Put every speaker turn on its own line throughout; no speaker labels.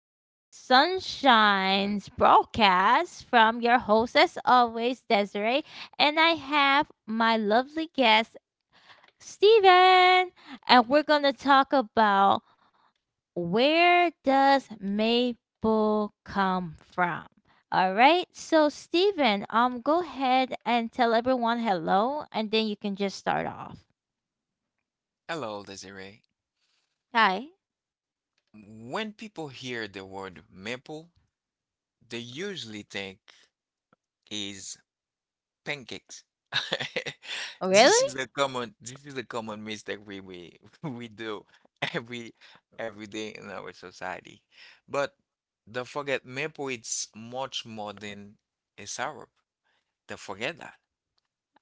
Sunshine's broadcast from your host, as always, Desiree. And I have my lovely guest, Steven. And we're going to talk about where does maple come from? All right. So, Steven, go ahead and tell everyone hello, and then you can just start off.
Hello, Desiree.
Hi.
When people hear the word maple, they usually think is pancakes.
Oh,
This
really?
is a common this is a common mistake we do every every day in our society. But don't forget maple it's much more than a syrup. Don't forget that.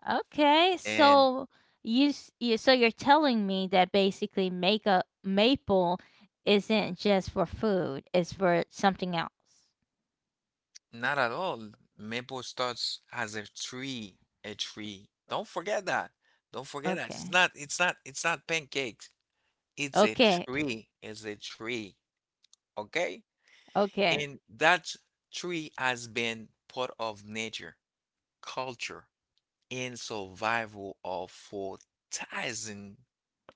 Okay,
And
so you're telling me that basically make maple isn't just for food, it's for something else.
not at all. Maple starts as a tree, a tree. Don't forget that. Don't forget that. It's
Okay.
not, it's not, it's not pancakes. It's a
Okay.
tree. It's a tree. Okay?
Okay.
And that tree has been part of nature, culture, and survival of for thousand,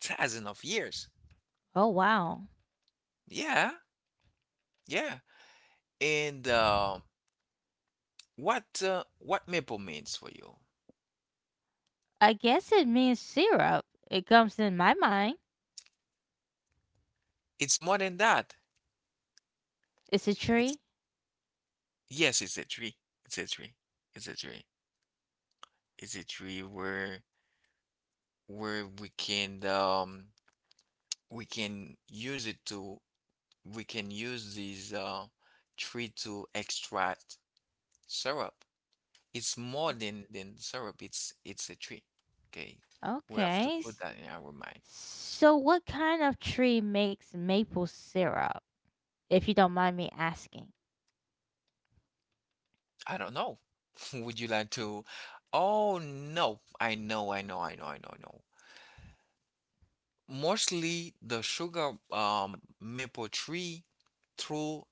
thousand of years.
Oh wow.
Yeah, yeah. And what maple means for you?
I guess it means syrup. It comes in my mind.
It's more than that.
It's a tree.
Yes, it's a tree. It's a tree. It's a tree. It's a tree where where we can um we can use it to we can use this tree to extract syrup. It's more than syrup. It's a tree. Okay. We have to
Okay.
put that in our mind.
So what kind of tree makes maple syrup, if you don't mind me asking?
I don't know. Would you like to? Oh no. I know, I know, I know, I know, I know. Mostly the sugar maple tree through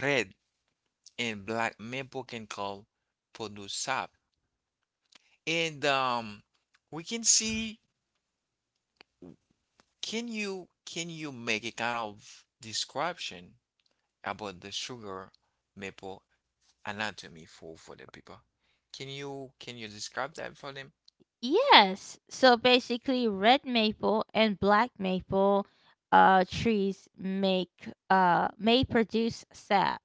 red and black maple can call produce sap. And we can see, can you make a kind of description about the sugar maple anatomy for the people? Can you describe that for them?
Yes. So basically, red maple and black maple trees make may produce sap.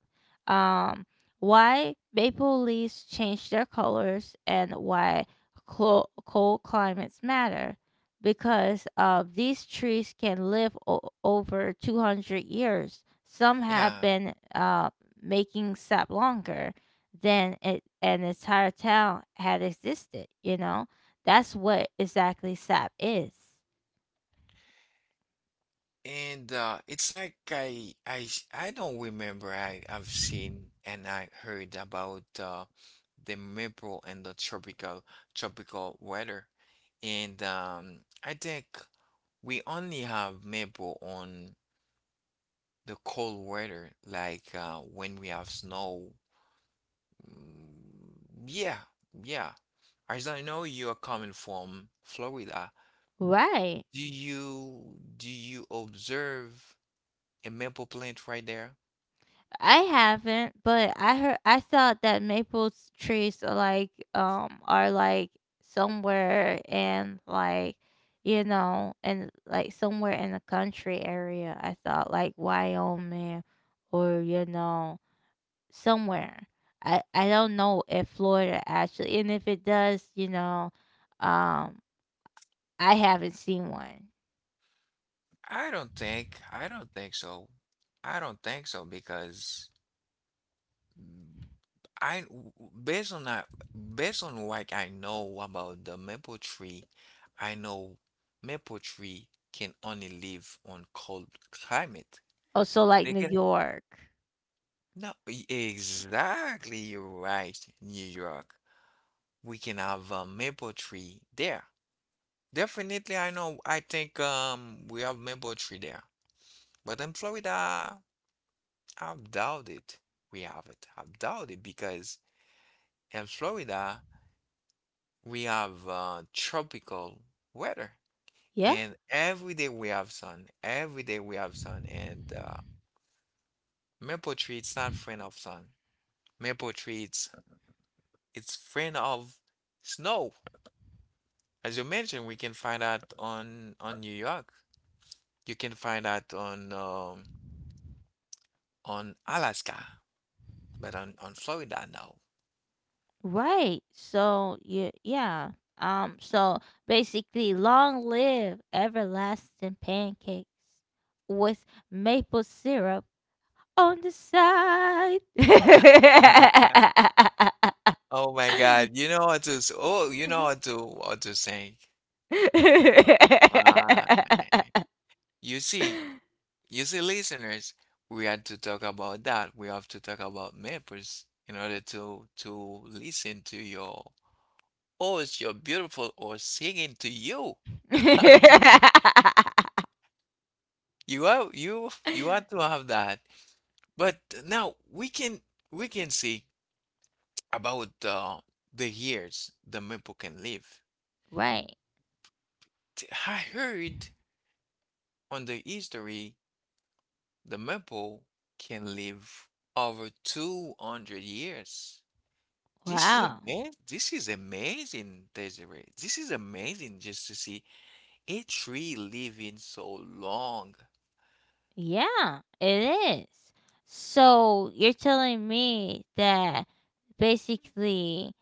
Um, why maple leaves change their colors and why cold climates matter? Because these trees can live over 200 years. Some have
Yeah.
been making sap longer than it, an entire town had existed, you know? That's what exactly sap is.
And it's like I don't remember I've seen and I heard about the maple and the tropical weather, and I think we only have maple on the cold weather, like when we have snow. Mm, yeah, yeah. As I know, you are coming from Florida,
Right.
do you observe a maple plant right there?
I haven't, but I heard I thought that maple trees are like somewhere in like you know and like somewhere in the country area. I thought like Wyoming or you know somewhere. I don't know if Florida actually, and if it does, you know, um, I haven't seen one.
I don't think so. I don't think so because mm, based on that based on what I know about the maple tree, I know maple tree can only live on cold climate.
Also like
They
New
can
York.
no exactly you're right, New York. We can have a maple tree there. Definitely I know I think we have maple tree there. But in Florida I doubt it. We have it. I doubt it because in Florida we have tropical weather,
Yeah.
and every day we have sun. Every day we have sun, and maple tree it's not friend of sun. Maple tree it's friend of snow. As you mentioned, we can find that on New York. You can find that on Alaska, but on Florida, no.
Right. So yeah, yeah. So basically, long live everlasting pancakes with maple syrup on the side.
Oh my God, you know what to, oh, you know what to say. Uh, you see, you see, listeners, we had to talk about that. We have to talk about maples in order to listen to your horse, your beautiful horse singing to you. You are you you had to have that. But now we can see about the years the maple can live.
Right.
I heard on the history. The maple can live over 200 years. This is
Wow.
amazing. This is amazing, Desiree. This is amazing just to see a tree living so long.
Yeah, it is. So you're telling me that basically,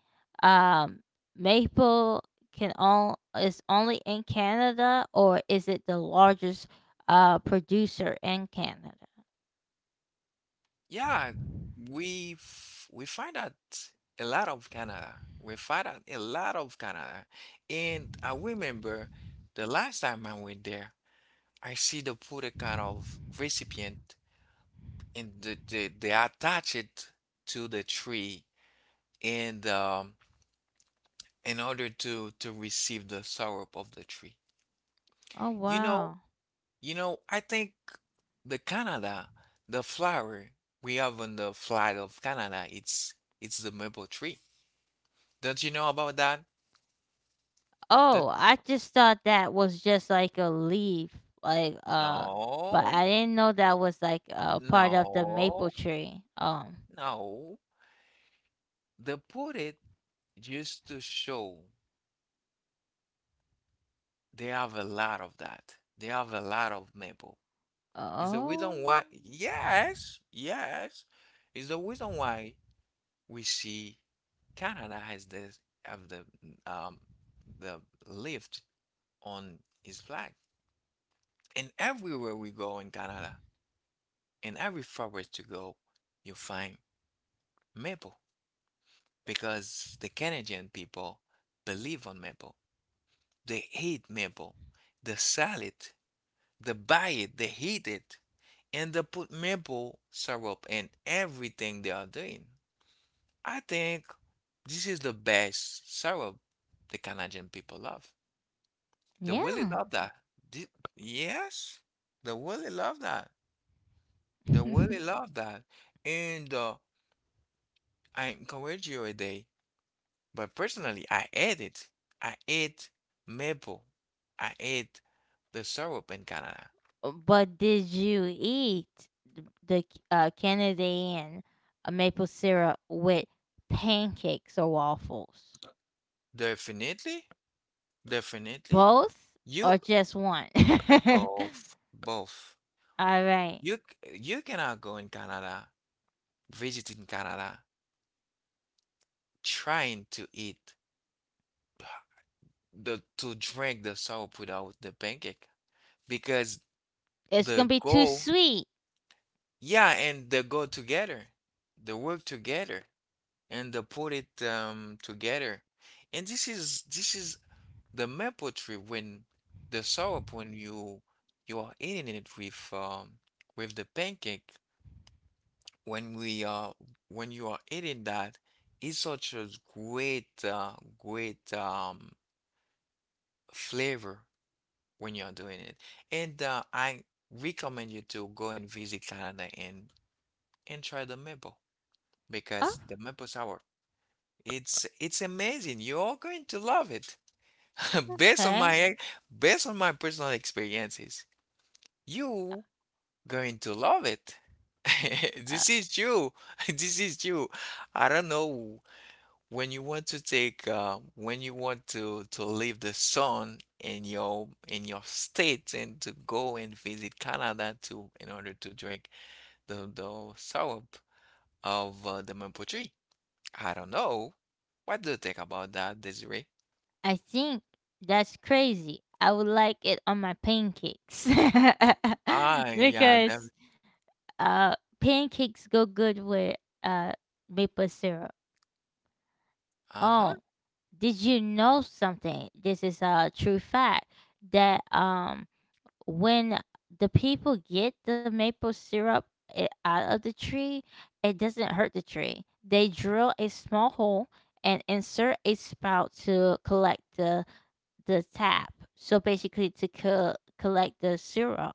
um, maple can all is only in Canada, or is it the largest producer in Canada?
Yeah, we find out a lot of Canada. We find out a lot of Canada, and I remember the last time I went there, I see the put a kind of recipient and they attach it to the tree and in order to receive the syrup of the tree.
Oh
You know,
wow.
I think the Canada, the flower we have on the flag of Canada, it's the maple tree. Don't you know about that? Don't,
Oh, I just thought that was just like a leaf, like but
no,
I didn't know that was like a part of the maple
no,
tree.
no. They put it just to show they have a lot of that. They have a lot of maple. Is the
Oh.
reason why? Yes, yes. Is the reason why we see Canada has the have um the lift on his flag. And everywhere we go in Canada, in every forest you go, you find maple because the Canadian people believe on maple. They hate maple. They sell it. They buy it. They heat it. And they put maple syrup in everything they are doing. I think this is the best syrup the Canadian people love. They really
Yeah.
love that. Thi- yes, they really love that. They really love that. And I encourage you a day. But personally, I ate it. I ate maple. I ate the syrup in Canada.
But did you eat Canadian maple syrup with pancakes or waffles?
Definitely, definitely.
Both
You
or just one?
both, both.
All right.
You cannot go in Canada, visit in Canada trying to eat the to drink the soup without the pancake because
It's
the
going to be too
go
sweet.
yeah and the go together they work together and they put it together and this is the maple tree when the soup when you are eating it with the pancake when we are when you are eating that it's such a great great flavor when you're doing it. And I recommend you to go and visit Canada and try the maple
Oh,
because the maple sour it's amazing. You're going to love it. Based on
okay.
my ex- based on my personal experiences, you going to love it.
Uh,
This is you. This is you. I don't know when you want to take when you want to leave the sun in your state and to go and visit Canada to in order to drink the syrup of the maple tree. I don't know. What do you think about that, Desiree?
I think that's crazy. I would like it on my pancakes
Ah, yeah, that,
because uh, pancakes go good with uh, maple syrup.
uh-huh.
Oh, did you know something, this is a true fact that when the people get the maple syrup out of the tree, it doesn't hurt the tree. They drill a small hole and insert a spout to collect the tap, so basically to collect the syrup.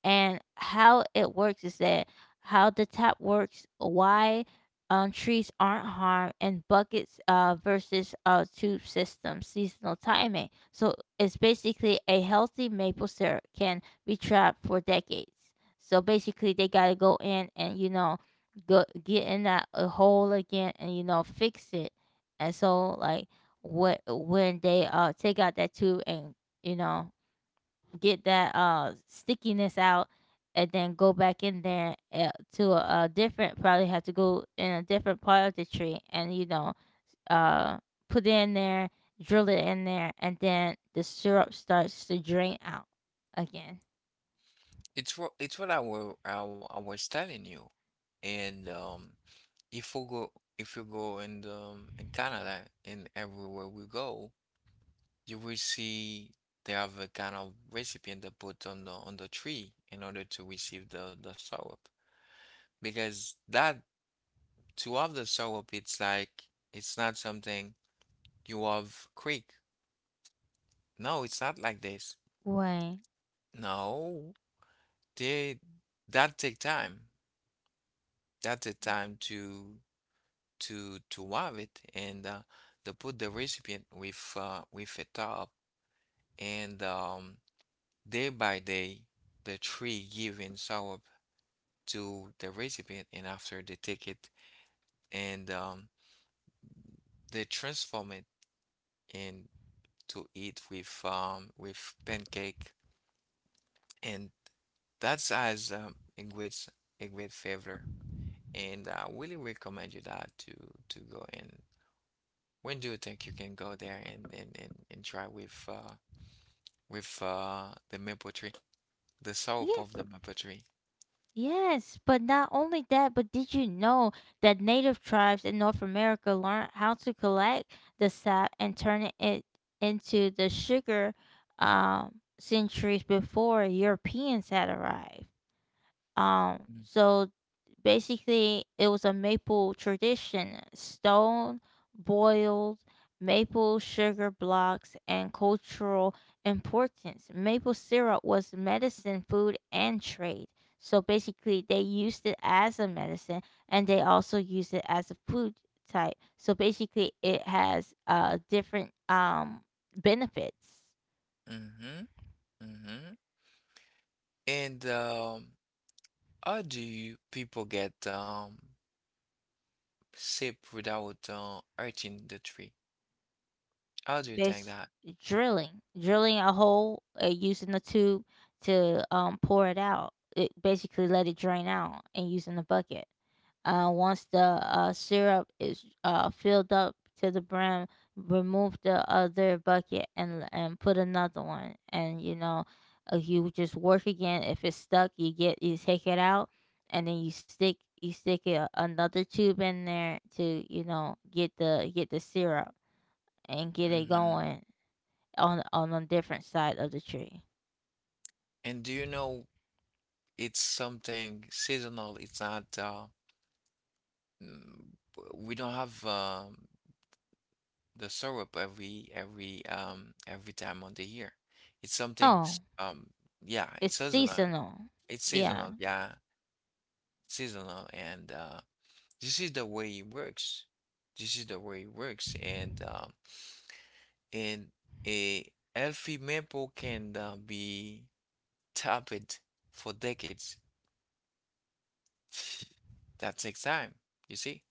And how it works is that how the tap works, why trees aren't harmed, and buckets versus tube system seasonal timing. So it's basically a healthy maple syrup can be trapped for decades. So basically, they got to go in and, you know, go, get in that hole again and, you know, fix it. And so, like, what when they take out that tube and you know get that stickiness out and then go back in there to a different, probably have to go in a different part of the tree and you know uh put it in there, drill it in there, and then the syrup starts to drain out again
It's what I will I, wa- I was telling you. And if we go if you go in the, in Canada and everywhere we go. You will see they have a kind of recipient that put on the tree in order to receive the syrup because that to have the syrup it's like it's not something you have quick no it's not like this
way,
no they that take time to to have it and they put the recipient with a top and day by day the tree giving sour to the recipient and after they take it and they transform it and to eat with pancake and that's as a great favor and I really recommend you that to go and when do you think you can go there and and try with the maple tree the syrup
yeah.
of the maple tree.
Yes, but not only that, but did you know that native tribes in North America learned how to collect the sap and turn it into the sugar centuries before Europeans had arrived? So basically, it was a maple tradition: stone boiled maple sugar blocks and cultural importance. Maple syrup was medicine, food, and trade. So basically, they used it as a medicine, and they also used it as a food type. So basically, it has different benefits.
Mm-hmm. Mm-hmm. And how do you people get sip without hurting the tree. How do you think
Bas
that.
Drilling, drilling a hole, using the tube to, pour it out. It basically let it drain out and using the bucket. Once the, syrup is, filled up to the brim, remove the other bucket and put another one. And you know, you just work again. If it's stuck, you get you take it out, and then you stick a, another tube in there to you know get the syrup and get it
hmm.
going on a different side of the tree.
And do you know it's something seasonal? It's not. Mm, we don't have the syrup every time of the year. It's something.
Oh,
Yeah,
it's
it's seasonal.
seasonal.
It's
Yeah.
seasonal. Yeah, seasonal. And this is the way it works. This is the way it works. And and a healthy maple can be tap it for decades. That takes time. You see?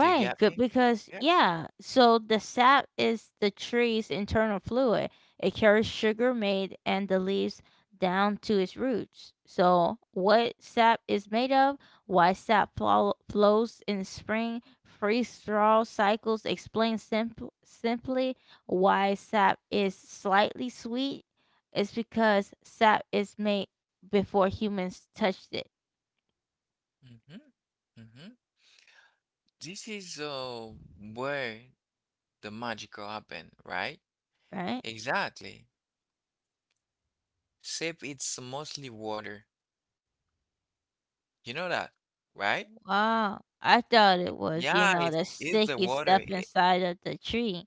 Do you get
good,
me?
because
Yeah.
yeah, so the sap is the tree's internal fluid. It carries sugar made and the leaves down to its roots. So, what sap is made of, why sap flows in spring, freeze thaw cycles explain simply why sap is slightly sweet. It's because sap is made before humans touched it,
Hmm. Hmm. This is where the magical happen, right?
right?
Exactly. Except it's mostly water. You know that, right?
Wow, I thought it was, you
Yeah,
know, the
it's the
sticky stuff
water.
inside of the tree.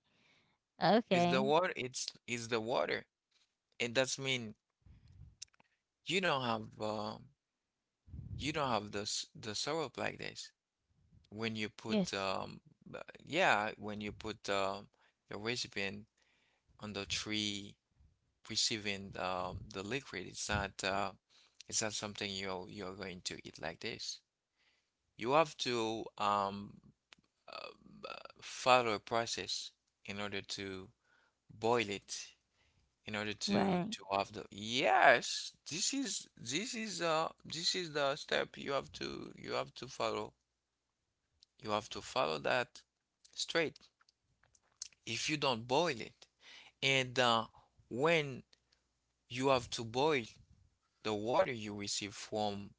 It's the
Okay.
water. It's the water, and that's mean you don't have um you don't have the the syrup like this. When you put
Yes.
uh, yeah when you put your recipient on the tree receiving the liquid it's not something you're going to eat like this you have to uh, b- follow a process in order to boil it in order to
Right.
have the yes this is the step you have to follow you have to follow that straight if you don't boil it. And when you have to boil the water you receive from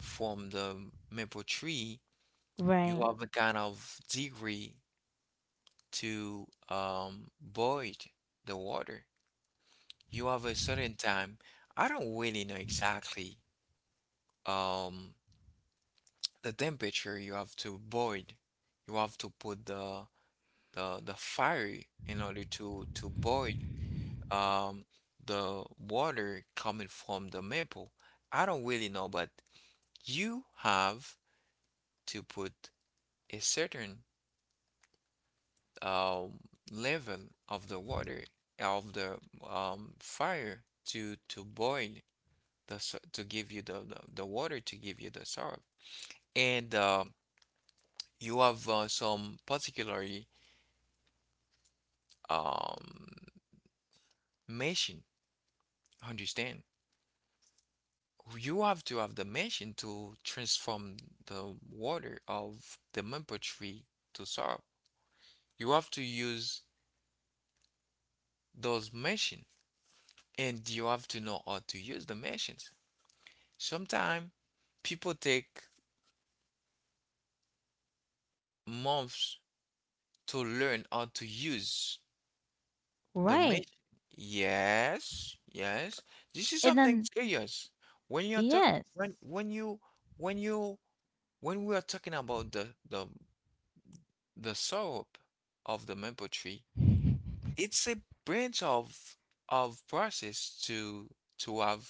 the maple tree, you
Right.
have a kind of degree to boil the water. You have a certain time. I don't really know exactly um, the temperature you have to boil. You have to put the fire in order to boil um the water coming from the maple. I don't really know, but you have to put a certain um level of the water of the fire to boil the to give you the the water to give you the syrup. And you have some particularly um machine, understand? You have to have the machine to transform the water of the maple tree to syrup. You have to use those machines and you have to know how to use the machines. Sometimes people take months to learn how to use the
Right.
machine. Yes, yes. This is
And then
something serious. When you're talking
yes.
when you when you when we are talking about the the syrup of the maple tree, it's a branch of process to have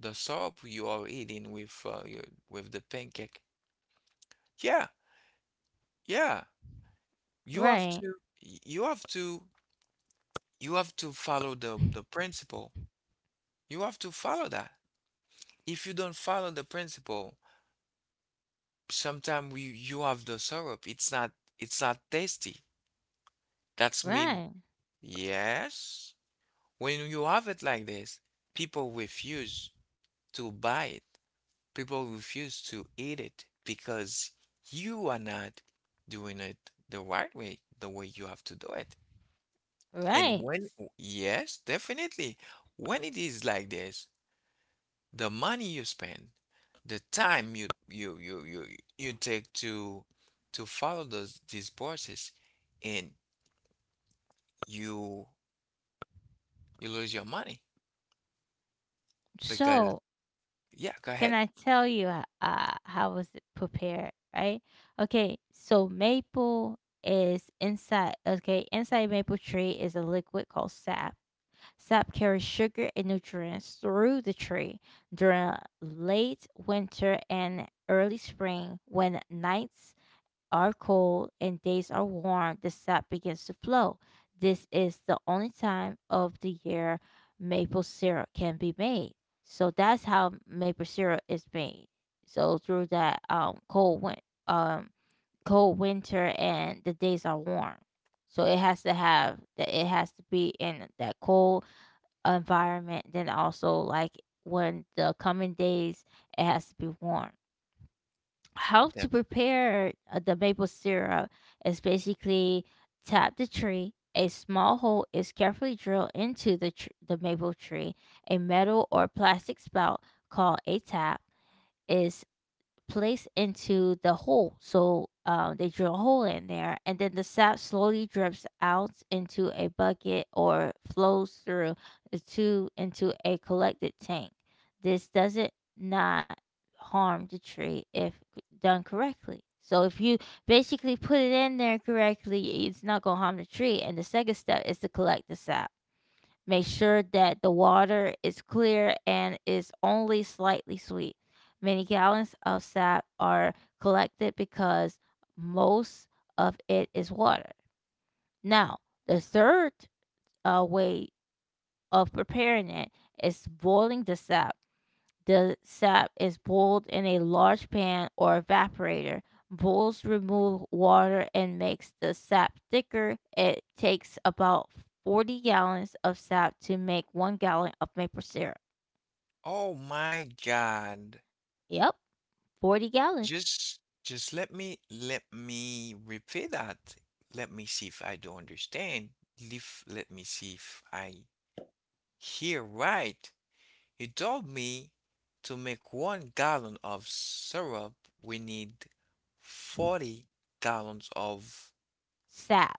the soup you are eating with your, with the pancake. Yeah, yeah. You have
Right.
to you have to you have to follow the principle. You have to follow that. If you don't follow the principle, sometimes you have the syrup. It's not tasty. That's mean
Right.
yes. When you have it like this, people refuse to buy it, people refuse to eat it because you are not doing it the right way, the way you have to do it.
Right.
And when, yes, definitely, when it is like this, the money you spend, the time you you take to follow those these process, and you you lose your money because
So,
yeah, go
can
ahead.
I tell you how was it prepared, right? Okay, so maple is inside, okay, inside maple tree is a liquid called sap. Sap carries sugar and nutrients through the tree during late winter and early spring. When nights are cold and days are warm, the sap begins to flow. This is the only time of the year maple syrup can be made. So that's how maple syrup is made. So through that cold um cold winter and the days are warm, so it has to have that, it has to be in that cold environment, then also like when the coming days, it has to be warm. How to
Dev.
prepare the maple syrup is basically tap the tree. A small hole is carefully drilled into the the maple tree. A metal or plastic spout called a tap is placed into the hole. So they drill a hole in there, and then the sap slowly drips out into a bucket or flows through the tube into a collected tank. This doesn't not harm the tree if done correctly. So if you basically put it in there correctly, it's not gonna harm the tree. And the second step is to collect the sap. Make sure that the water is clear and is only slightly sweet. Many gallons of sap are collected because most of it is water. Now, the third way of preparing it is boiling the sap. The sap is boiled in a large pan or evaporator. Boils remove water and makes the sap thicker. It takes about 40 gallons of sap to make 1 gallon of maple syrup.
Oh my God.
Yep, 40 gallons.
Just let me repeat that. Let me see if I do understand. Let me see if I hear right. You told me to make 1 gallon of syrup, we need 40 gallons of
Sap.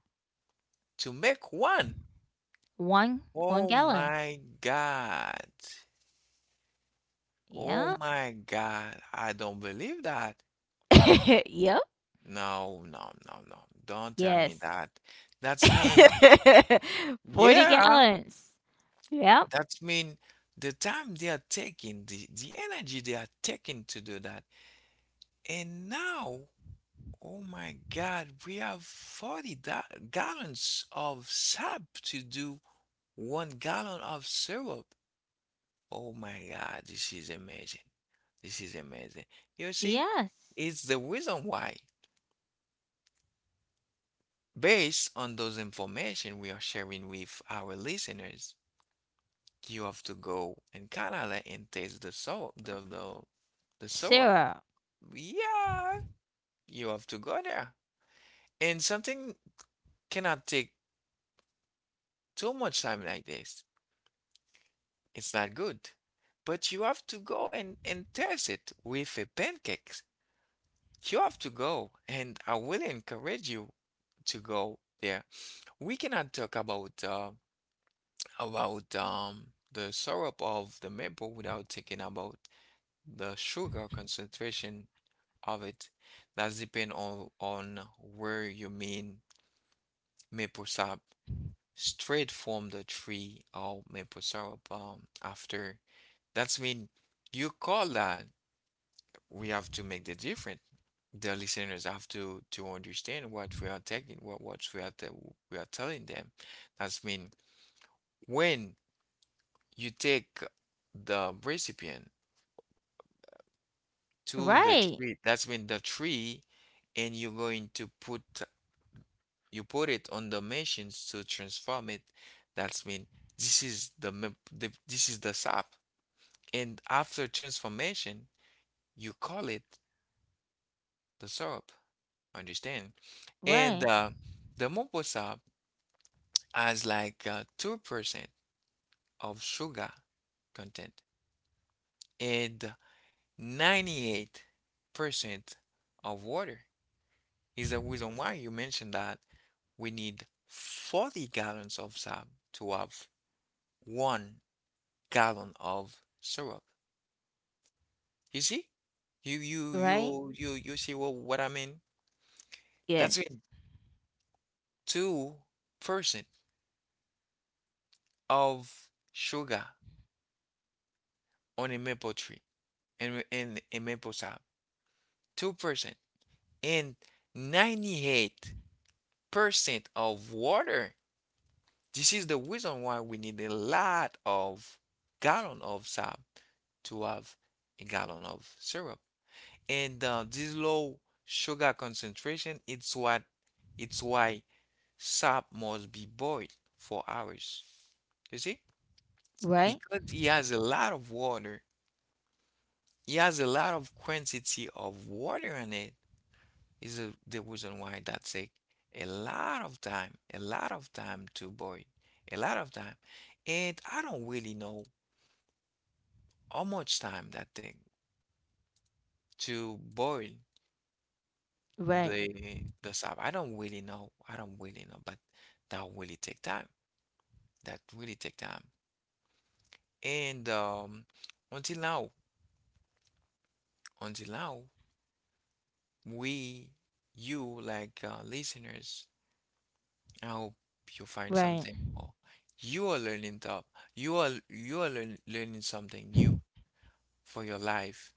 to make one.
1 1
Oh
gallon.
my God. Oh
Yeah.
my God. I don't believe that.
Yep.
No, No. Don't tell me
Yes.
that. That's mean,
40
yeah.
gallons. Yep.
That means the time they are taking, the energy they are taking to do that. And now, oh my God, we have gallons of sap to do 1 gallon of syrup. Oh my God, this is amazing. This is amazing. You see,
Yes.
it's the reason why, based on those information we are sharing with our listeners, you have to go in Canada and taste the soap, the syrup.
Syrup.
Yeah, you have to go there. And something cannot take too much time like this. It's not good. But you have to go and test it with a pancakes. You have to go, and I will encourage you to go there. We cannot talk about the syrup of the maple without thinking about the sugar concentration of it. That's depend on where you mean maple sap, straight from the tree of maple syrup after. That's mean you call that, we have to make the difference. The listeners have to understand what we are taking, what we are we are telling them. That's mean when you take the recipient to the
Right.
tree, that's mean the tree, and you're going to put, you put it on the machines to transform it. That's mean this is this is the sap, and after transformation, you call it the syrup. Understand? And
Right.
the maple syrup has like 2% of sugar content and 98% of water. Is the reason why you mentioned that we need 40 gallons of syrup to have 1 gallon of syrup. You see? You you
Right.
you you you see what I mean? That's
Yes.
it. 2% of sugar on a maple tree and in, a maple sap. 2% and 98% of water. This is the reason why we need a lot of gallon of sap to have a gallon of syrup. And this low sugar concentration, it's what, it's why sap must be boiled for hours. You see?
Right,
Because it has a lot of water. It has a lot of quantity of water in it. Is a- the reason why that take a lot of time, a lot of time to boil, a lot of time. And I don't really know how much time that take to boil
right,
the sap. I don't really know. I don't really know, but that really take time. That really take time. And until now, until now, we, you, like listeners, I hope you find
right,
something or you are learning top. Learning something new for your life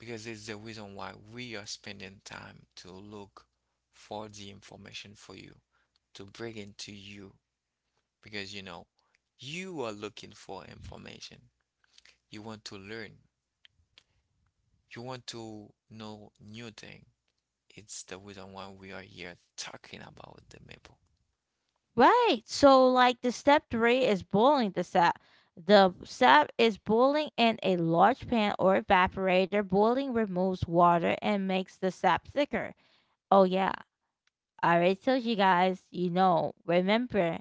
because it's the reason why we are spending time to look for the information for you to bring it to you, because you know, you are looking for information. You want to learn. You want to know new thing. It's the reason why we are here talking about the maple.
right. So like the step three is boiling the sap. The sap is boiling in a large pan or evaporator. Boiling removes water and makes the sap thicker. Oh yeah, I already told you guys. You know, remember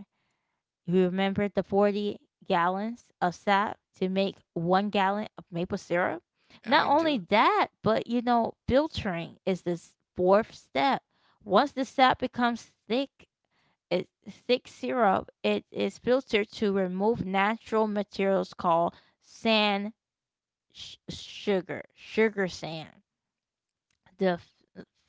you remember the 40 gallons of sap to make 1 gallon of maple syrup.
I
Not only
do.
that, but you know, filtering is this fourth step. Once the sap becomes thick, it's thick syrup. It is filtered to remove natural materials called sand, sugar, sugar sand. The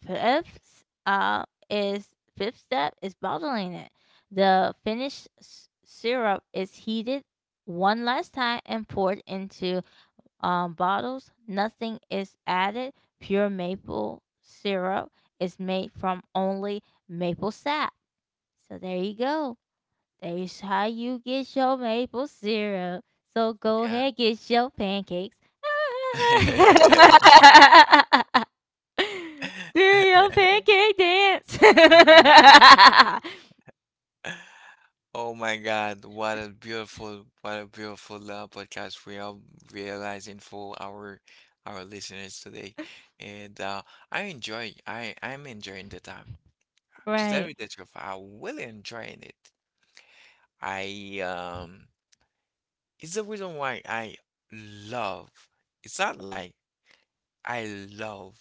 fifth is fifth step is bottling it. The finished syrup is heated one last time and poured into bottles. Nothing is added. Pure maple syrup is made from only maple sap. So there you go. That's how you get your maple syrup. So go ahead, get your pancakes.
Yeah.
Do your pancake dance.
Oh my God, what a beautiful podcast we are realizing for our listeners today. And I enjoy, I'm enjoying the time. To tell
Right,
you the truth, I'm really enjoying it. I it's the reason why I love. It's not like I love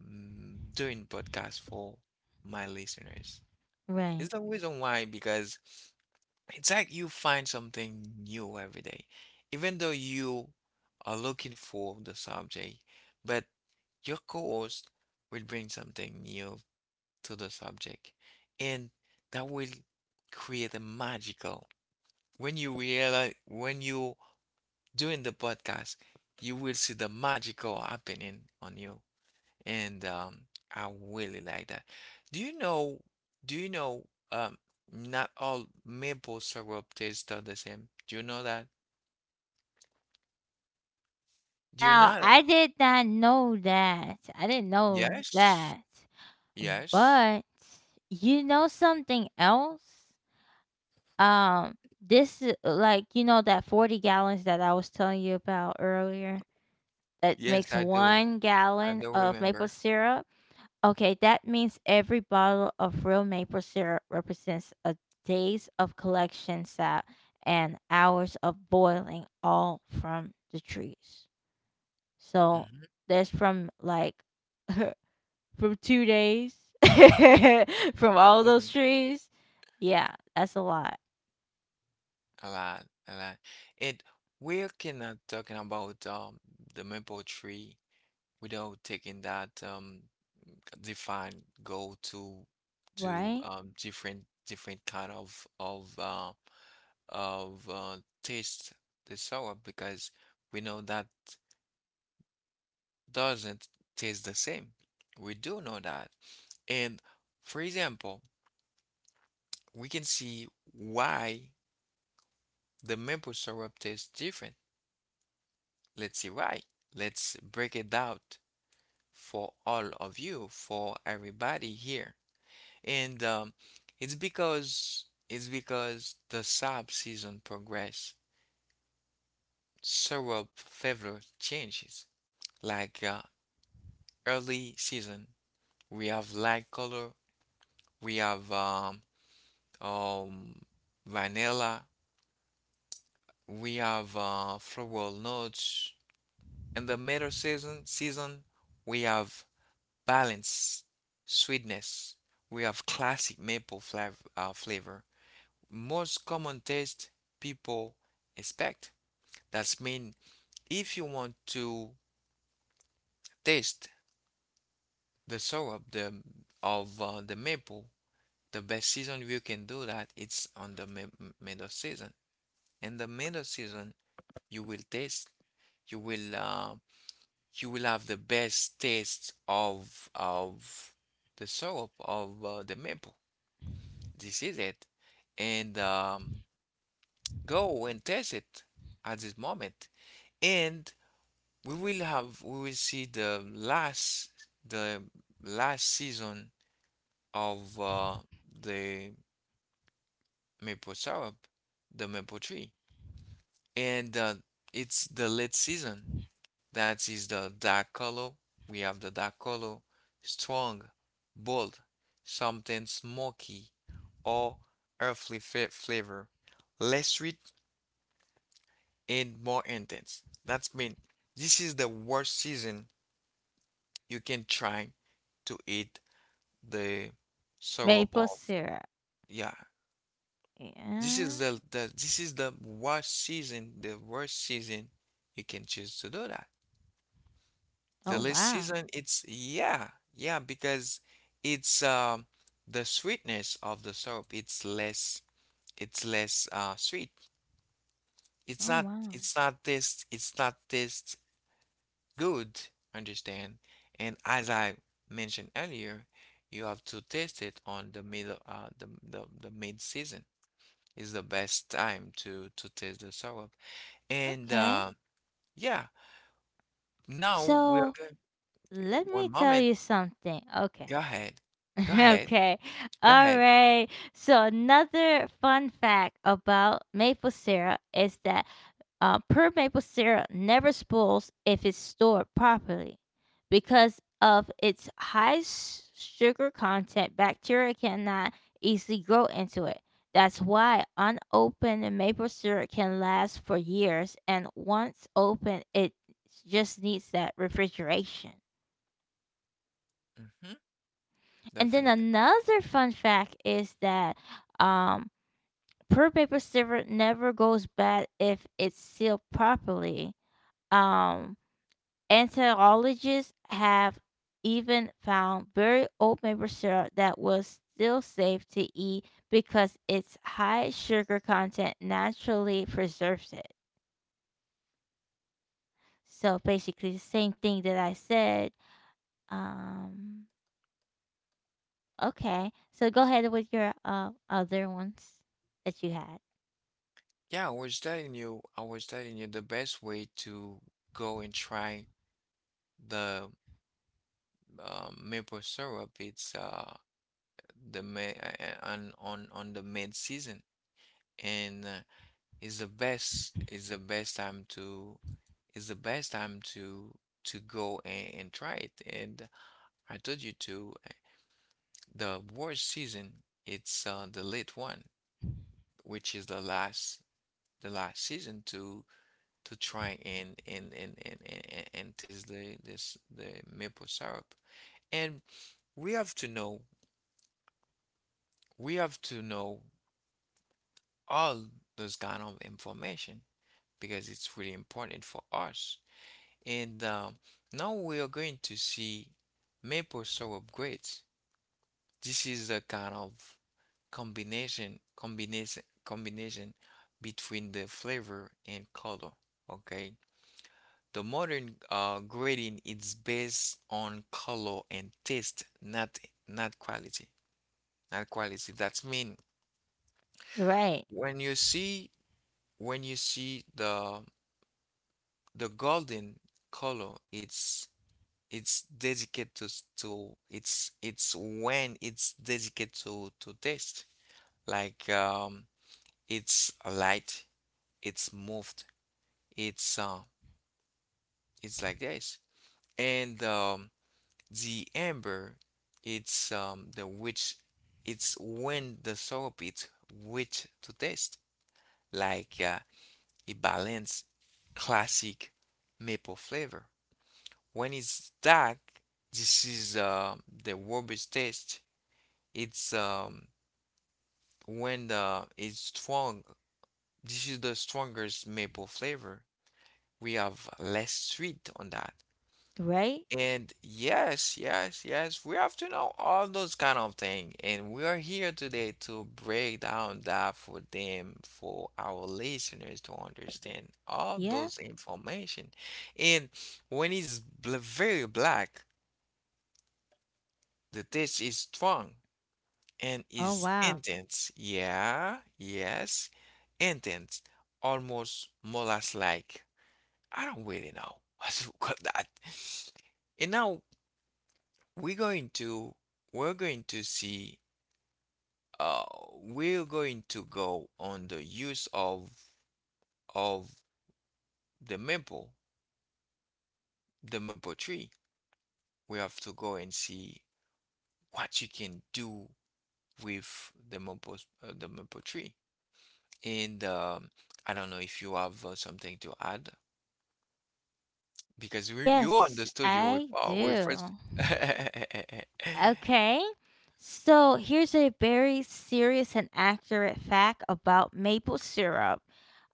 doing podcasts for my listeners.
right.
It's the reason why because. It's like you find something new every day, even though you are looking for the subject, but your co-host will bring something new to the subject, and that will create a magical. When you realize, when you doing the podcast, you will see the magical happening on you, and I really like that. Do you know? Do you know? Um, not all maple syrup tastes the same. Do you know that? Do you
Now,
not?
I did not know that. I didn't know
Yes,
that.
yes,
But you know something else? Um, this is like, you know, that 40 gallons that I was telling you about earlier? That
yes.
makes
I do.
one
I
gallon
do
of maple
remember.
syrup. Okay, that means every bottle of real maple syrup represents a days of collection sap and hours of boiling, all from the trees. So
Hmm.
that's from like from 2 days from all those
Hmm.
trees. Yeah, that's a lot,
A lot, a lot. And we cannot talking about the maple tree without taking that define go to
right?
different kind of of uh, taste, the sour, because we know that doesn't taste the same. We do know that. And for example, we can see why the maple syrup tastes different. Let's see why. Let's break it out for all of you, for everybody here. And it's because the sap season progress, syrup flavor changes. Like early season we have light color, we have um, vanilla, we have floral notes. In the middle season, we have balance, sweetness. We have classic maple flavor. Most common taste people expect. That's mean if you want to taste the syrup, the of the maple, the best season you can do that it's on the middle season. In the middle season you will taste you will uh, you will have the best taste of the syrup of the maple. This is it. And go and taste it at this moment, and we will see the last, the last season of the maple syrup, the maple tree. And it's the late season. That is the dark color. We have the dark color, strong, bold, something smoky or earthly flavor, less sweet and more intense. That's mean this is the worst season you can try to eat the syrup
Maple
of.
syrup.
Yeah, this is
Yeah.
the this is the worst season you can choose to do that. The
Oh
late
wow.
season, it's yeah, yeah, because it's the sweetness of the syrup, it's less, it's less sweet. It's
Oh
not
wow.
it's not taste good, understand? And as I mentioned earlier, you have to taste it on the middle the mid season is the best time to taste the syrup. And
Okay.
yeah, now we're
So
going
let me
one
tell
moment.
you something. Okay.
Go ahead. Go ahead.
Okay.
Go
All
ahead.
right. So, another fun fact about maple syrup is that pure maple syrup never spools if it's stored properly. Because of its high sugar content, bacteria cannot easily grow into it. That's why unopened maple syrup can last for years, and once opened, it just needs that refrigeration.
Mm-hmm,
And then
definitely.
another fun fact is that um, per paper silver never goes bad if it's sealed properly. Um, Anthologists have even found very old maple syrup that was still safe to eat because its high sugar content naturally preserves it. So basically, the same thing that I said. Um, okay, so go ahead with your other ones that you had.
I was telling you the best way to go and try the maple syrup. It's the May on the mid season, and it's the best. It's the best time to. It's the best time to go and try it. And I told you to. The worst season, it's the late one, which is the last, the last season to try and taste the, this, the maple syrup. And we have to know we have to know all those kind of information because it's really important for us. And now we are going to see maple syrup grapes. This is the kind of combination between the flavor and color. Okay, the modern grading is based on color and taste, not, not quality. Not quality. That's mean
Right.
when you see when you see the golden color, it's dedicated to it's when it's dedicated to taste. Like it's light, it's moved, it's uh, it's like this. And the amber, it's the which it's when the syrup is rich to taste, like a balanced classic maple flavor. When it's dark, this is the robust taste. It's when the, it's strong. This is the strongest maple flavor. We have less sweet on that.
Right?
And yes, yes, yes, we have to know all those kind of things, and we are here today to break down that for them, for our listeners to understand all
Yeah.
those information. And when it's very black, the taste is strong and
Oh,
is
wow.
intense. Yeah, yes, intense, almost molasses-like. I don't really know what to call that. And now we're going to we're going to see uh we're going to go on the use of the maple the maple tree. We have to go and see what you can do with the maple tree. And I don't know if you have something to add because we you are in
Yes,
the studio
I
with
do.
first
Okay. So here's a very serious and accurate fact about maple syrup.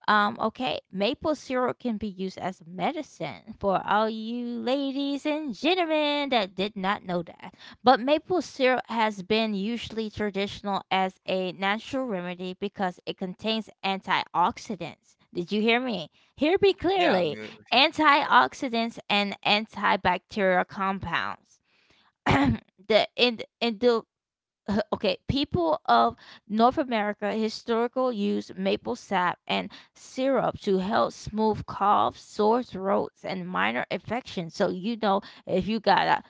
Okay, maple syrup can be used as a medicine for all you ladies and gentlemen that did not know that. But maple syrup has been usually traditional as a natural remedy because it contains antioxidants. Did you hear me? Hear me
yeah, I'm
clearly.
here with you.
Antioxidants and antibacterial compounds. the in Okay, people of North America historical use maple sap and syrup to help smooth coughs, sore throats, and minor infections. So if you got a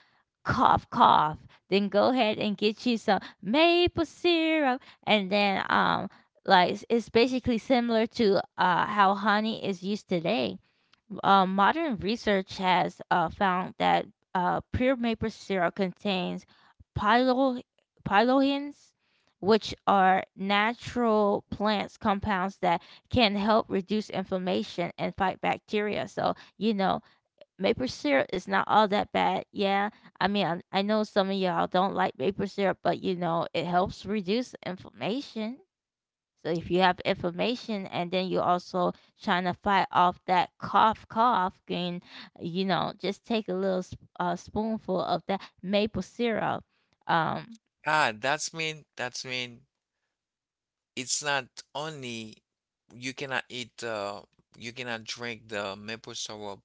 cough, cough, then go ahead and get you some maple syrup, and then like it's basically similar to how honey is used today. Modern research has found that pure maple syrup contains pylo- pylohins, which are natural plants compounds that can help reduce inflammation and fight bacteria. So, maple syrup is not all that bad. Yeah. I mean, I know some of y'all don't like maple syrup, but, it helps reduce inflammation. So if you have inflammation and then you're also trying to fight off that cough, cough, then just take a little spoonful of that maple syrup, um,
Ah, that's mean it's not only you cannot eat you cannot drink the maple syrup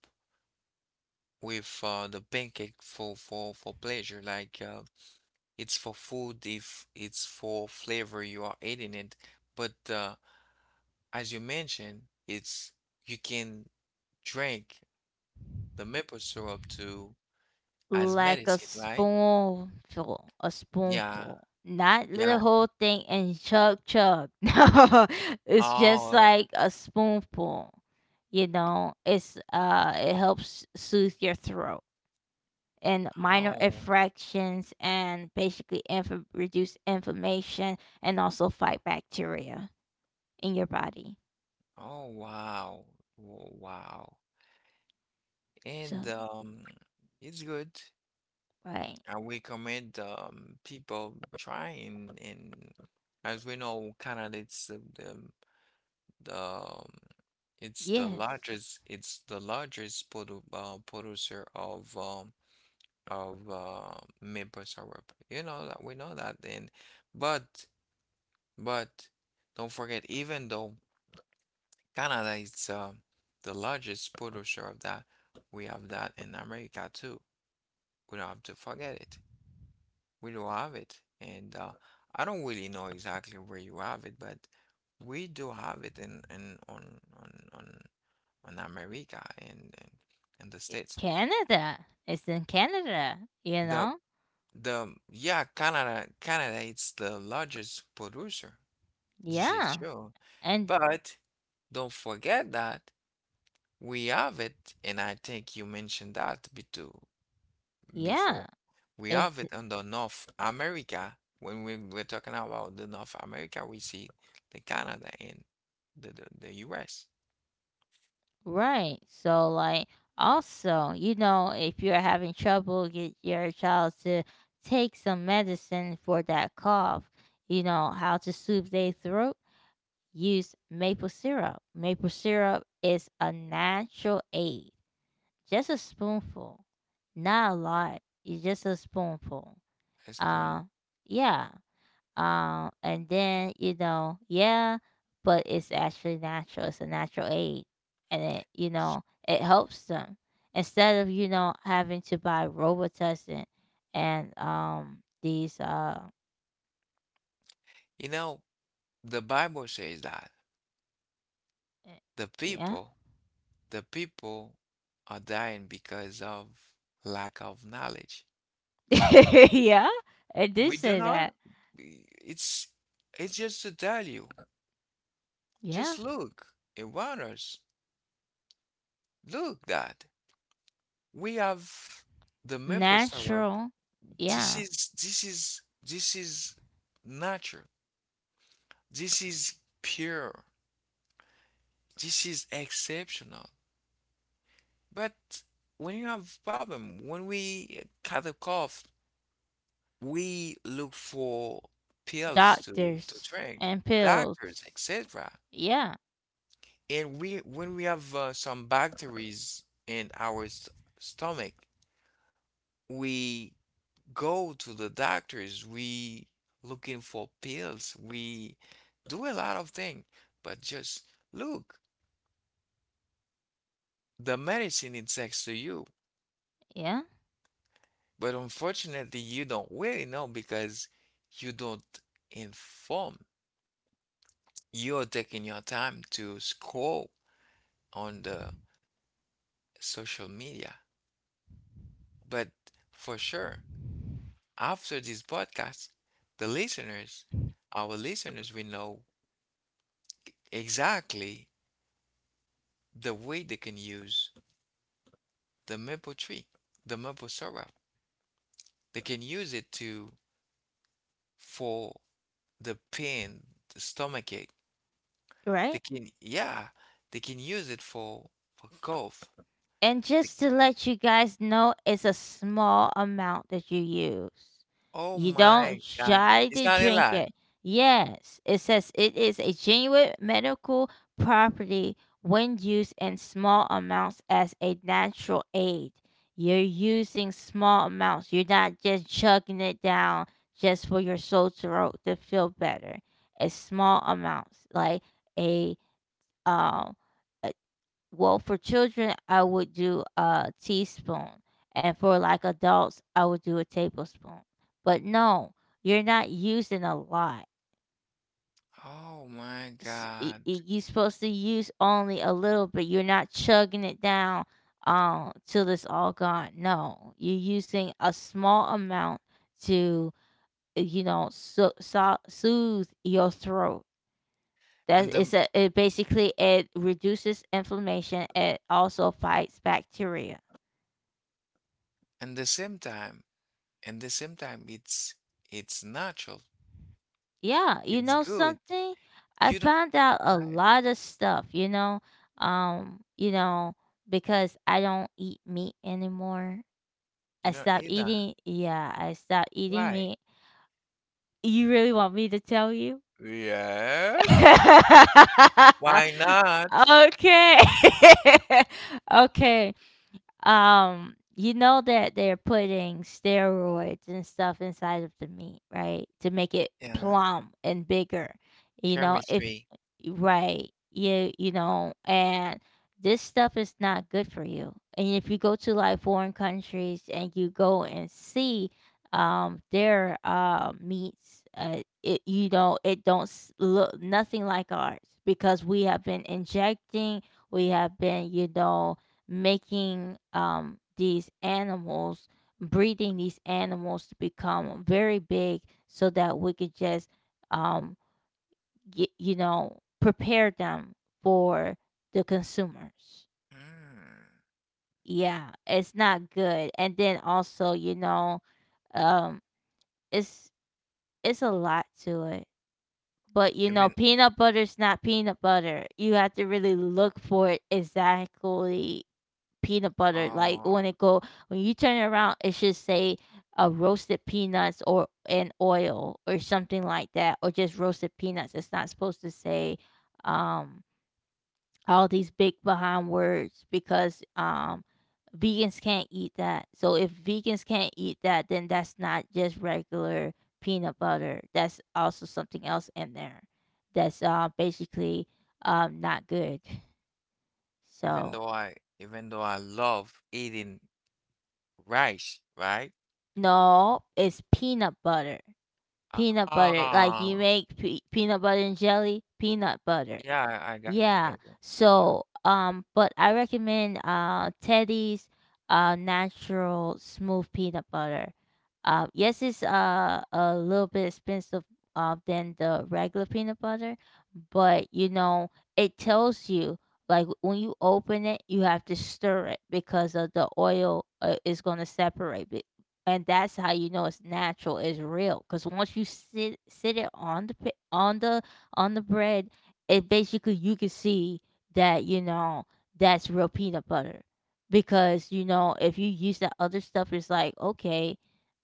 with the pancake for pleasure like uh, it's for food, if it's for flavor you are eating it. But uh, as you mentioned, it's you can drink the maple syrup to as
like
medicine, right?
a
Yeah.
spoonful, not the
Yeah.
whole thing and chug, chug. No, it's just
Oh.
like a spoonful. You know, it's it helps soothe your throat and minor
Oh.
infractions and basically reduce inflammation and also fight bacteria in your body.
Oh, wow. Wow.
So,
And um, it's good.
right.
I recommend people trying, and as we know, Canada it's the it's
Yes.
the largest producer of maple syrup. You know that, we know that. And but but don't forget, even though Canada is the largest producer of that, we have that in America too. We don't have to forget it. We do have it. And I don't really know exactly where you have it, but we do have it in on on America and the States.
Canada. It's in Canada, you
The
know?
the Yeah, Canada it's the largest producer. This is
Yeah.
true.
And
But don't forget that we have it, and I think you mentioned that too.
yeah,
Before, we
it
have it under North America. When we, we're talking about the North America, we see the Canada and the US.
right. So like also, you know, if you're having trouble, get your child to take some medicine for that cough. You know, how to soothe their throat, use maple syrup. Maple syrup is a natural aid. Just a spoonful, not a lot. It's just a spoonful.
As point,
Uh, yeah. And then yeah, but it's actually natural. It's a natural aid, and it you know it helps them instead of having to buy Robitussin and these
you know, the Bible says that the
yeah.
people, the people are dying because of lack of knowledge.
Yeah, it did
We do
say
not,
that.
it's it's just to tell you,
Yeah.
just look around us. Look that we have the maple syrup.
Natural. Yeah.
This is natural. This is pure. This is exceptional. But when you have problem, when we cut a cough, we look for pills to
Doctors
drink,
and pills.
doctors, etc.
Yeah.
And we when we have some bacteria in our st stomach, we go to the doctors, we looking for pills, we do a lot of things, but just look, the medicine is next to you.
Yeah.
But unfortunately, you don't really know because you don't inform. You're taking your time to scroll on the social media. But for sure, after this podcast, the listeners, our listeners will know exactly the way they can use the maple tree, the maple syrup. They can use it to for the pain, the stomach ache.
Right?
They can, yeah, they can use it for cough.
And just to let you guys know, it's a small amount that you use.
Oh
You
my
don't
God,
try
it's
to
not a
drink
lot.
it. Yes, it says it is a genuine medical property when used in small amounts as a natural aid. You're using small amounts. You're not just chugging it down just for your sore throat to feel better. It's small amounts, like a um well, for children, I would do a teaspoon, and for like adults, I would do a tablespoon. But no, you're not using a lot.
Oh my God.
You're supposed to use only a little bit. You're not chugging it down till it's all gone. No, you're using a small amount to you know, so soothe your throat. That
And the
it's a it basically it reduces inflammation. It also fights bacteria.
and the same time, and the same time, it's natural.
Yeah, you
It's
know
good.
something? I
You don't,
found out a
right?
lot of stuff, you know. You know, because I don't eat meat anymore. I
You don't
stopped
eat that.
eating. Yeah, I stopped eating
Why?
meat. You really want me to tell you?
Yes. Why not?
Okay. Okay. You know that they're putting steroids and stuff inside of the meat, right? To make it
Yeah,
plump and bigger. You know, if
chemistry.
right, you know, and this stuff is not good for you. And if you go to like foreign countries and you go and see their meats, it you know, it don't look nothing like ours because we have been injecting, we have been you know, making these animals, breeding these animals to become very big so that we could just um get, you know, prepare them for the consumers. Yeah, it's not good, and then also, you know, um it's it's a lot to it. But you know,
Mm.
peanut butter's not peanut butter, you have to really look for it, exactly peanut butter. Like when
Oh,
it go, when you turn it around, it should say roasted peanuts or and oil or something like that, or just roasted peanuts. It's not supposed to say um, all these big behind words, because vegans can't eat that. So if vegans can't eat that, then that's not just regular peanut butter. That's also something else in there that's basically not good.
even
So
though I even though I love eating rice, right?
no, it's peanut butter. Peanut butter, like
Ah,
you make pe peanut butter and jelly, peanut butter.
yeah,
Yeah.
I got you.
So, but I recommend Teddy's natural smooth peanut butter. Yes, it's a little bit expensive than the regular peanut butter, but you know it tells you, like when you open it, you have to stir it because of the oil, is gonna separate it. And that's how you know it's natural, it's real. Cause once you sit it on the on the bread, and basically you can see that, you know, that's real peanut butter, because you know if you use that other stuff it's like okay,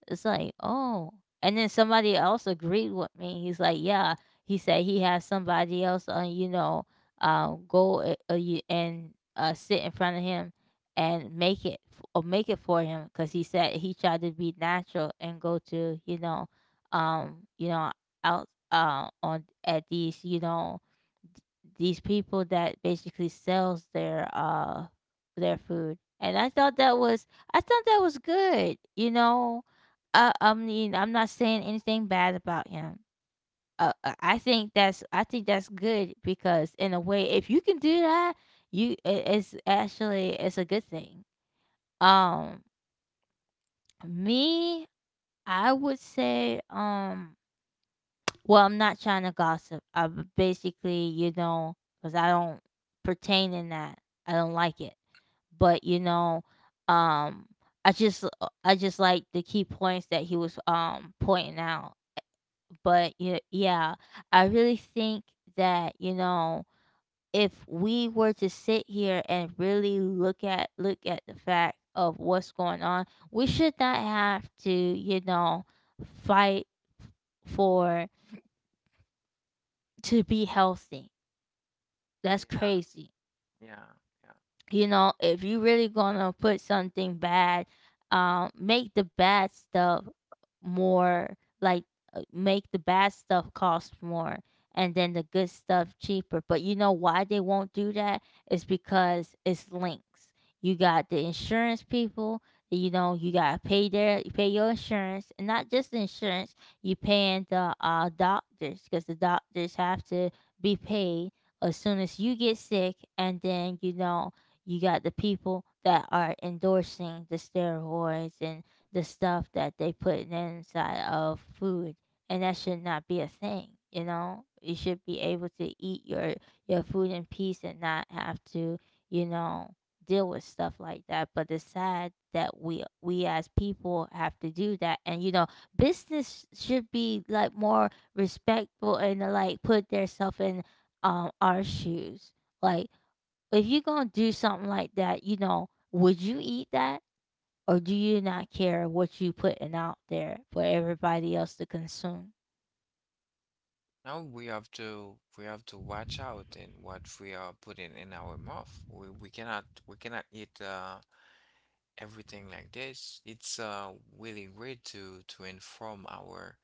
it's like oh. And then somebody else agreed with me, he's like yeah, he said he has somebody else on, you know, and sit in front of him and make it or make it for him, because he said he tried to be natural and go to, you know, um you know out on at these, you know, these people that basically sells their food. And I thought that was, I thought that was good, you know. I mean, I'm not saying anything bad about him. I think that's good, because in a way, if you can do that, it's actually, it's a good thing. Um me I would say well, I'm not trying to gossip. Basically, you know, because I don't pertain in that. I don't like it. But you know, um, I just like the key points that he was pointing out. But yeah, yeah, I really think that, you know, if we were to sit here and really look at, the fact of what's going on, we should not have to, you know, fight for to be healthy. That's
Yeah,
crazy,
yeah, yeah.
you know. If you really gonna put something bad, make the bad stuff more, like make the bad stuff cost more, and then the good stuff cheaper. But you know why they won't do that? It's because it's links. You got the insurance people, you know, you gotta pay their, you pay your insurance, and not just the insurance, you paying the doctors, because the doctors have to be paid as soon as you get sick. And then, you know, you got the people that are endorsing the steroids and the stuff that they put inside of food, and that should not be a thing. You know, you should be able to eat your food in peace and not have to, you know, deal with stuff like that. But it's sad that we as people have to do that. And you know, business should be like more respectful, and like put themselves in our shoes. Like if you're gonna do something like that, you know, would you eat that, or do you not care what you putting out there for everybody else to consume?
Now we have to watch out in what we are putting in our mouth. We cannot we cannot eat everything like this. It's uh, really great to inform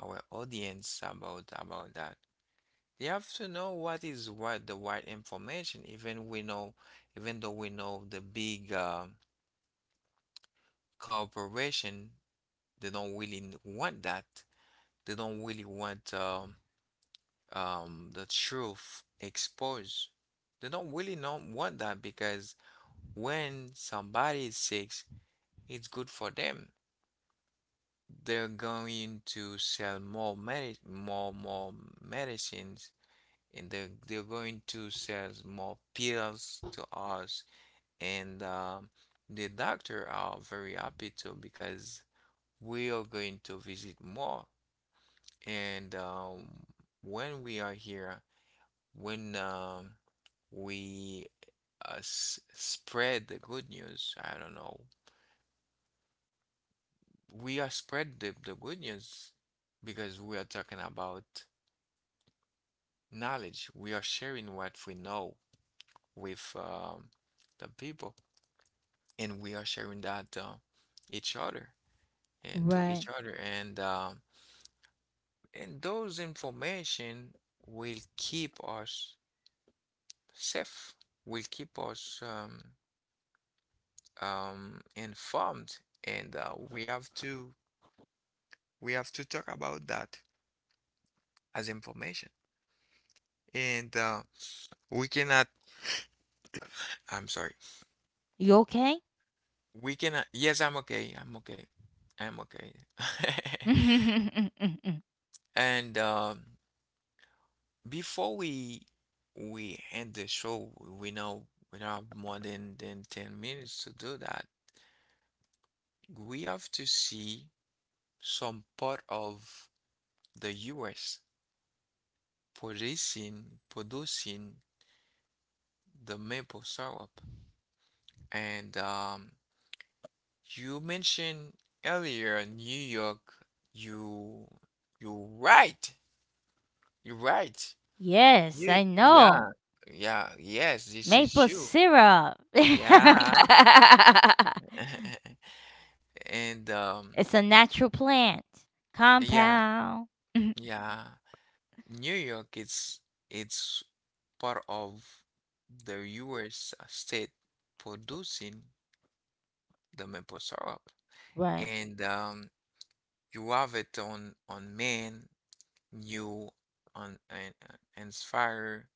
our audience about that. You have to know what is what the right information, even we know, even though we know the big corporation, they don't really want that. They don't really want the truth exposed. They don't really know want that because when somebody is sick, it's good for them. They're going to sell more medicines, and they're going to sell more pills to us. And the doctor are very happy too because we are going to visit more. And when we are here, when we s spread the good news, I don't know, we are spread the good news because we are talking about knowledge. We are sharing what we know with the people, and we are sharing that each other and to
Right.
each other. And and those information will keep us safe, will keep us informed, and we have to talk about that as information. And we cannot. I'm sorry.
You okay?
We cannot. Yes, I'm okay. I'm okay. I'm okay. And before we end the show, we know we don't have more than 10 minutes to do that. We have to see some part of the US producing the maple syrup. And you mentioned earlier New York. You, you're right. You're right.
Yes, I
Yeah.
know.
Yeah. Yes, this is
Maple
you.
syrup. It's
Yeah. And
a natural plant
yeah,
compound.
yeah. New York it's part of the US state producing the maple syrup.
Right.
And you have it on men, you on and fire.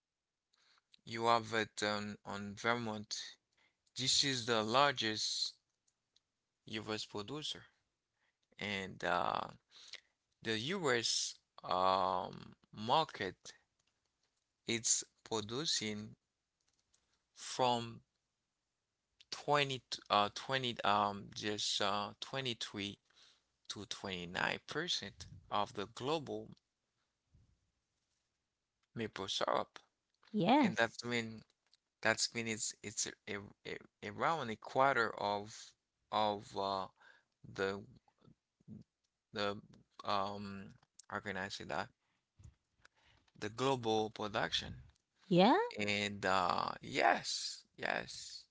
You have it on Vermont. This is the largest U.S. producer, and the U.S. Market it's producing from 20 t- uh 20 um, just uh, 23 to 29% of the global maple syrup. And that's
Yes.
mean that's mean it's around a quarter of of uh, the the um, how can I say that? The global production.
Yeah.
And uh, yes, yes,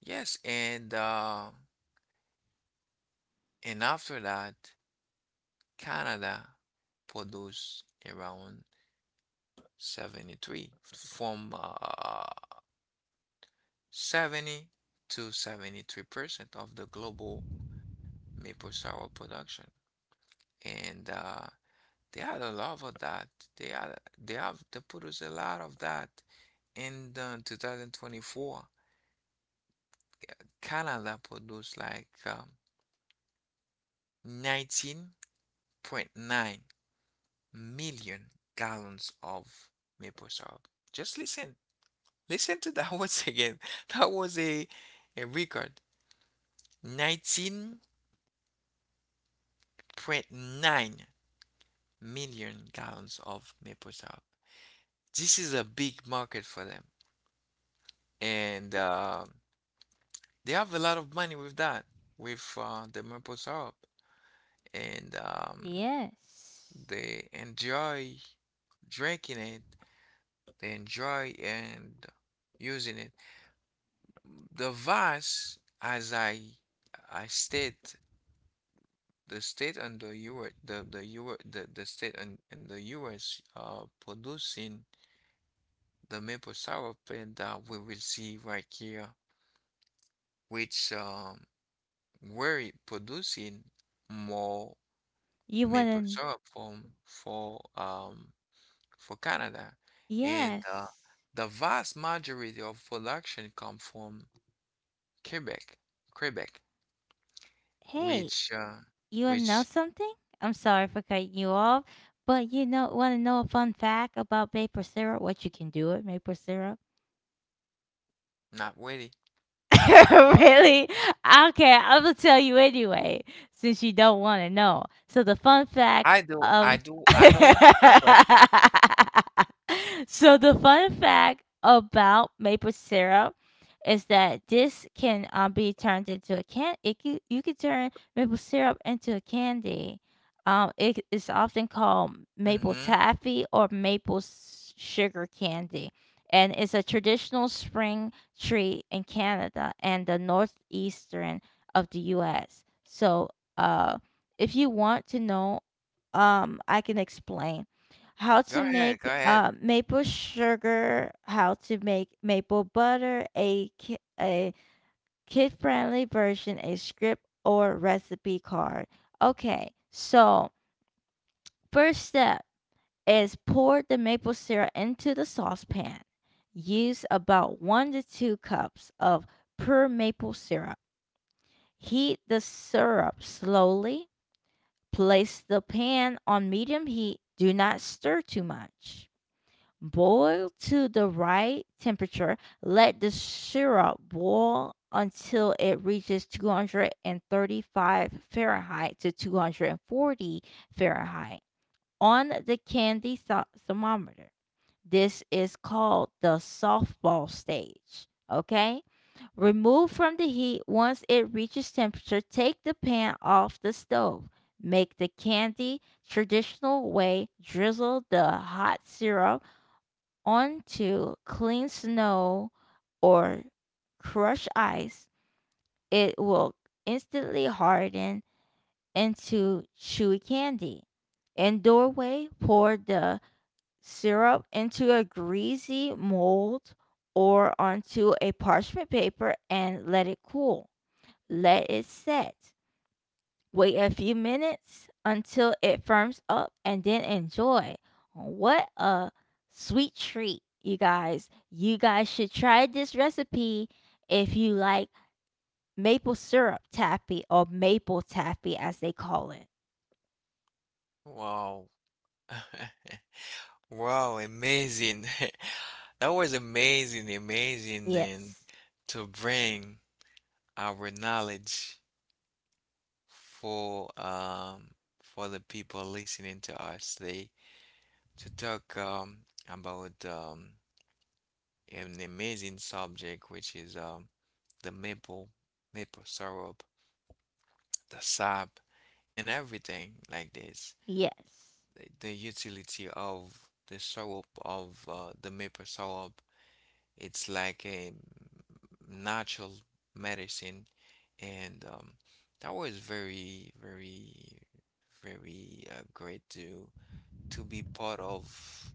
yes. And uh, and after that, Canada produce around 73 from uh 70 to 73% of the global maple syrup production. And they had a lot of that. They had they have They produced a lot of that in the 2024. Canada produced like 19.9 million gallons of maple syrup. Just listen, listen to that once again. That was a record. 19.9 million gallons of maple syrup. This is a big market for them, and um, they have a lot of money with that, with the maple syrup, and
Yes.
they enjoy drinking it. They enjoy and using it. The vase, as I state, the state and the U.S. The U.S. The state and the U.S. uh, producing the maple syrup, and we will see right here which um, where producing more
You
maple
wanna?
syrup from for um, for Canada, and
Yes.
the vast majority of production come from Quebec, Quebec,
Hey.
which uh,
You want to know
which
something? I'm sorry for cutting you off, but you know, want to know a fun fact about maple syrup? What you can do with maple syrup?
not really.
Really? Okay, I'm gonna tell you anyway, since you don't want to know. So the fun fact
I do, I
of,
do, I do want to know it.
so the fun fact about maple syrup is that this can be turned into a can. It can, you can turn maple syrup into a candy. It is often called maple
Mm-hmm.
taffy or maple sugar candy, and it's a traditional spring tree in Canada and the northeastern of the US. So, uh, if you want to know, I can explain how
Go
to make
ahead, go ahead.
maple sugar, how to make maple butter, a kid friendly version, a script or recipe card. Okay, so first step is pour the maple syrup into the saucepan. Use about 1 to 2 cups of pure maple syrup. Heat the syrup slowly. Place the pan on medium heat. Do not stir too much. Boil to the right temperature. Let the syrup boil until it reaches 235 Fahrenheit to 240 Fahrenheit on the candy thermometer. This is called the softball stage. Okay? Remove from the heat once it reaches temperature. Take the pan off the stove. Make the candy traditional way. Drizzle the hot syrup onto clean snow or crushed ice. It will instantly harden into chewy candy. In doorway, pour the syrup into a greasy mold or onto a parchment paper and let it cool. Let it set. Wait a few minutes until it firms up and then enjoy. What a sweet treat, you guys. You guys should try this recipe if you like maple syrup taffy or maple taffy as they call it.
Wow, wow, amazing. That was amazing, amazing, and
Yes.
to bring our knowledge for um, for the people listening to us today to talk um, about um, an amazing subject which is um, the maple maple syrup, the sap and everything like this.
Yes.
The utility of the syrup of the maple syrup, it's like a natural medicine. And um, that was very very great to be part of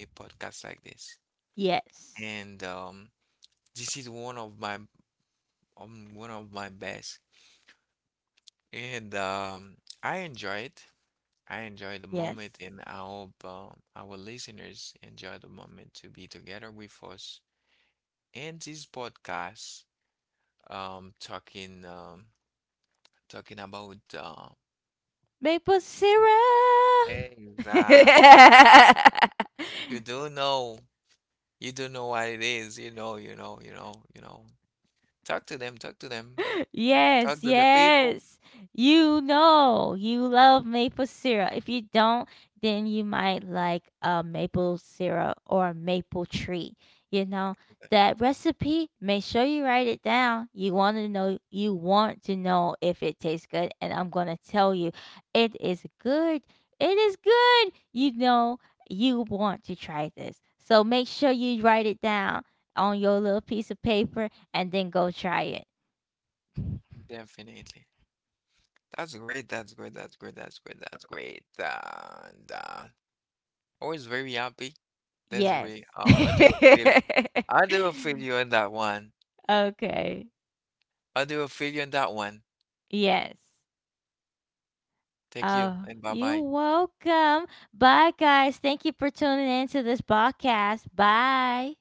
a podcast like this.
Yes.
And this is one of my best. And I enjoy it. I enjoy the
Yes.
moment, and I hope our listeners enjoy the moment to be together with us. And this podcast, um, talking um, talking about
Maple syrup.
things that you don't know, you don't know what it is. You know, you know, you know, you know. Talk to them. Talk to them. Talk
Yes,
to the people.
yes. You know you love maple syrup. If you don't, then you might like a maple syrup or a maple tree. You know that recipe. Make sure you write it down. You want to know. You want to know if it tastes good, and I'm gonna tell you, it is good. It is good. You know you want to try this, so make sure you write it down on your little piece of paper and then go try it.
Definitely. That's great. That's great. And always very happy,
Yes.
Desiree. Oh, I do feel you on that one.
Okay.
I do feel you on that one.
Yes.
Thank you
Oh,
and bye
you're
bye.
welcome. Bye, guys. Thank you for tuning in to this podcast. Bye.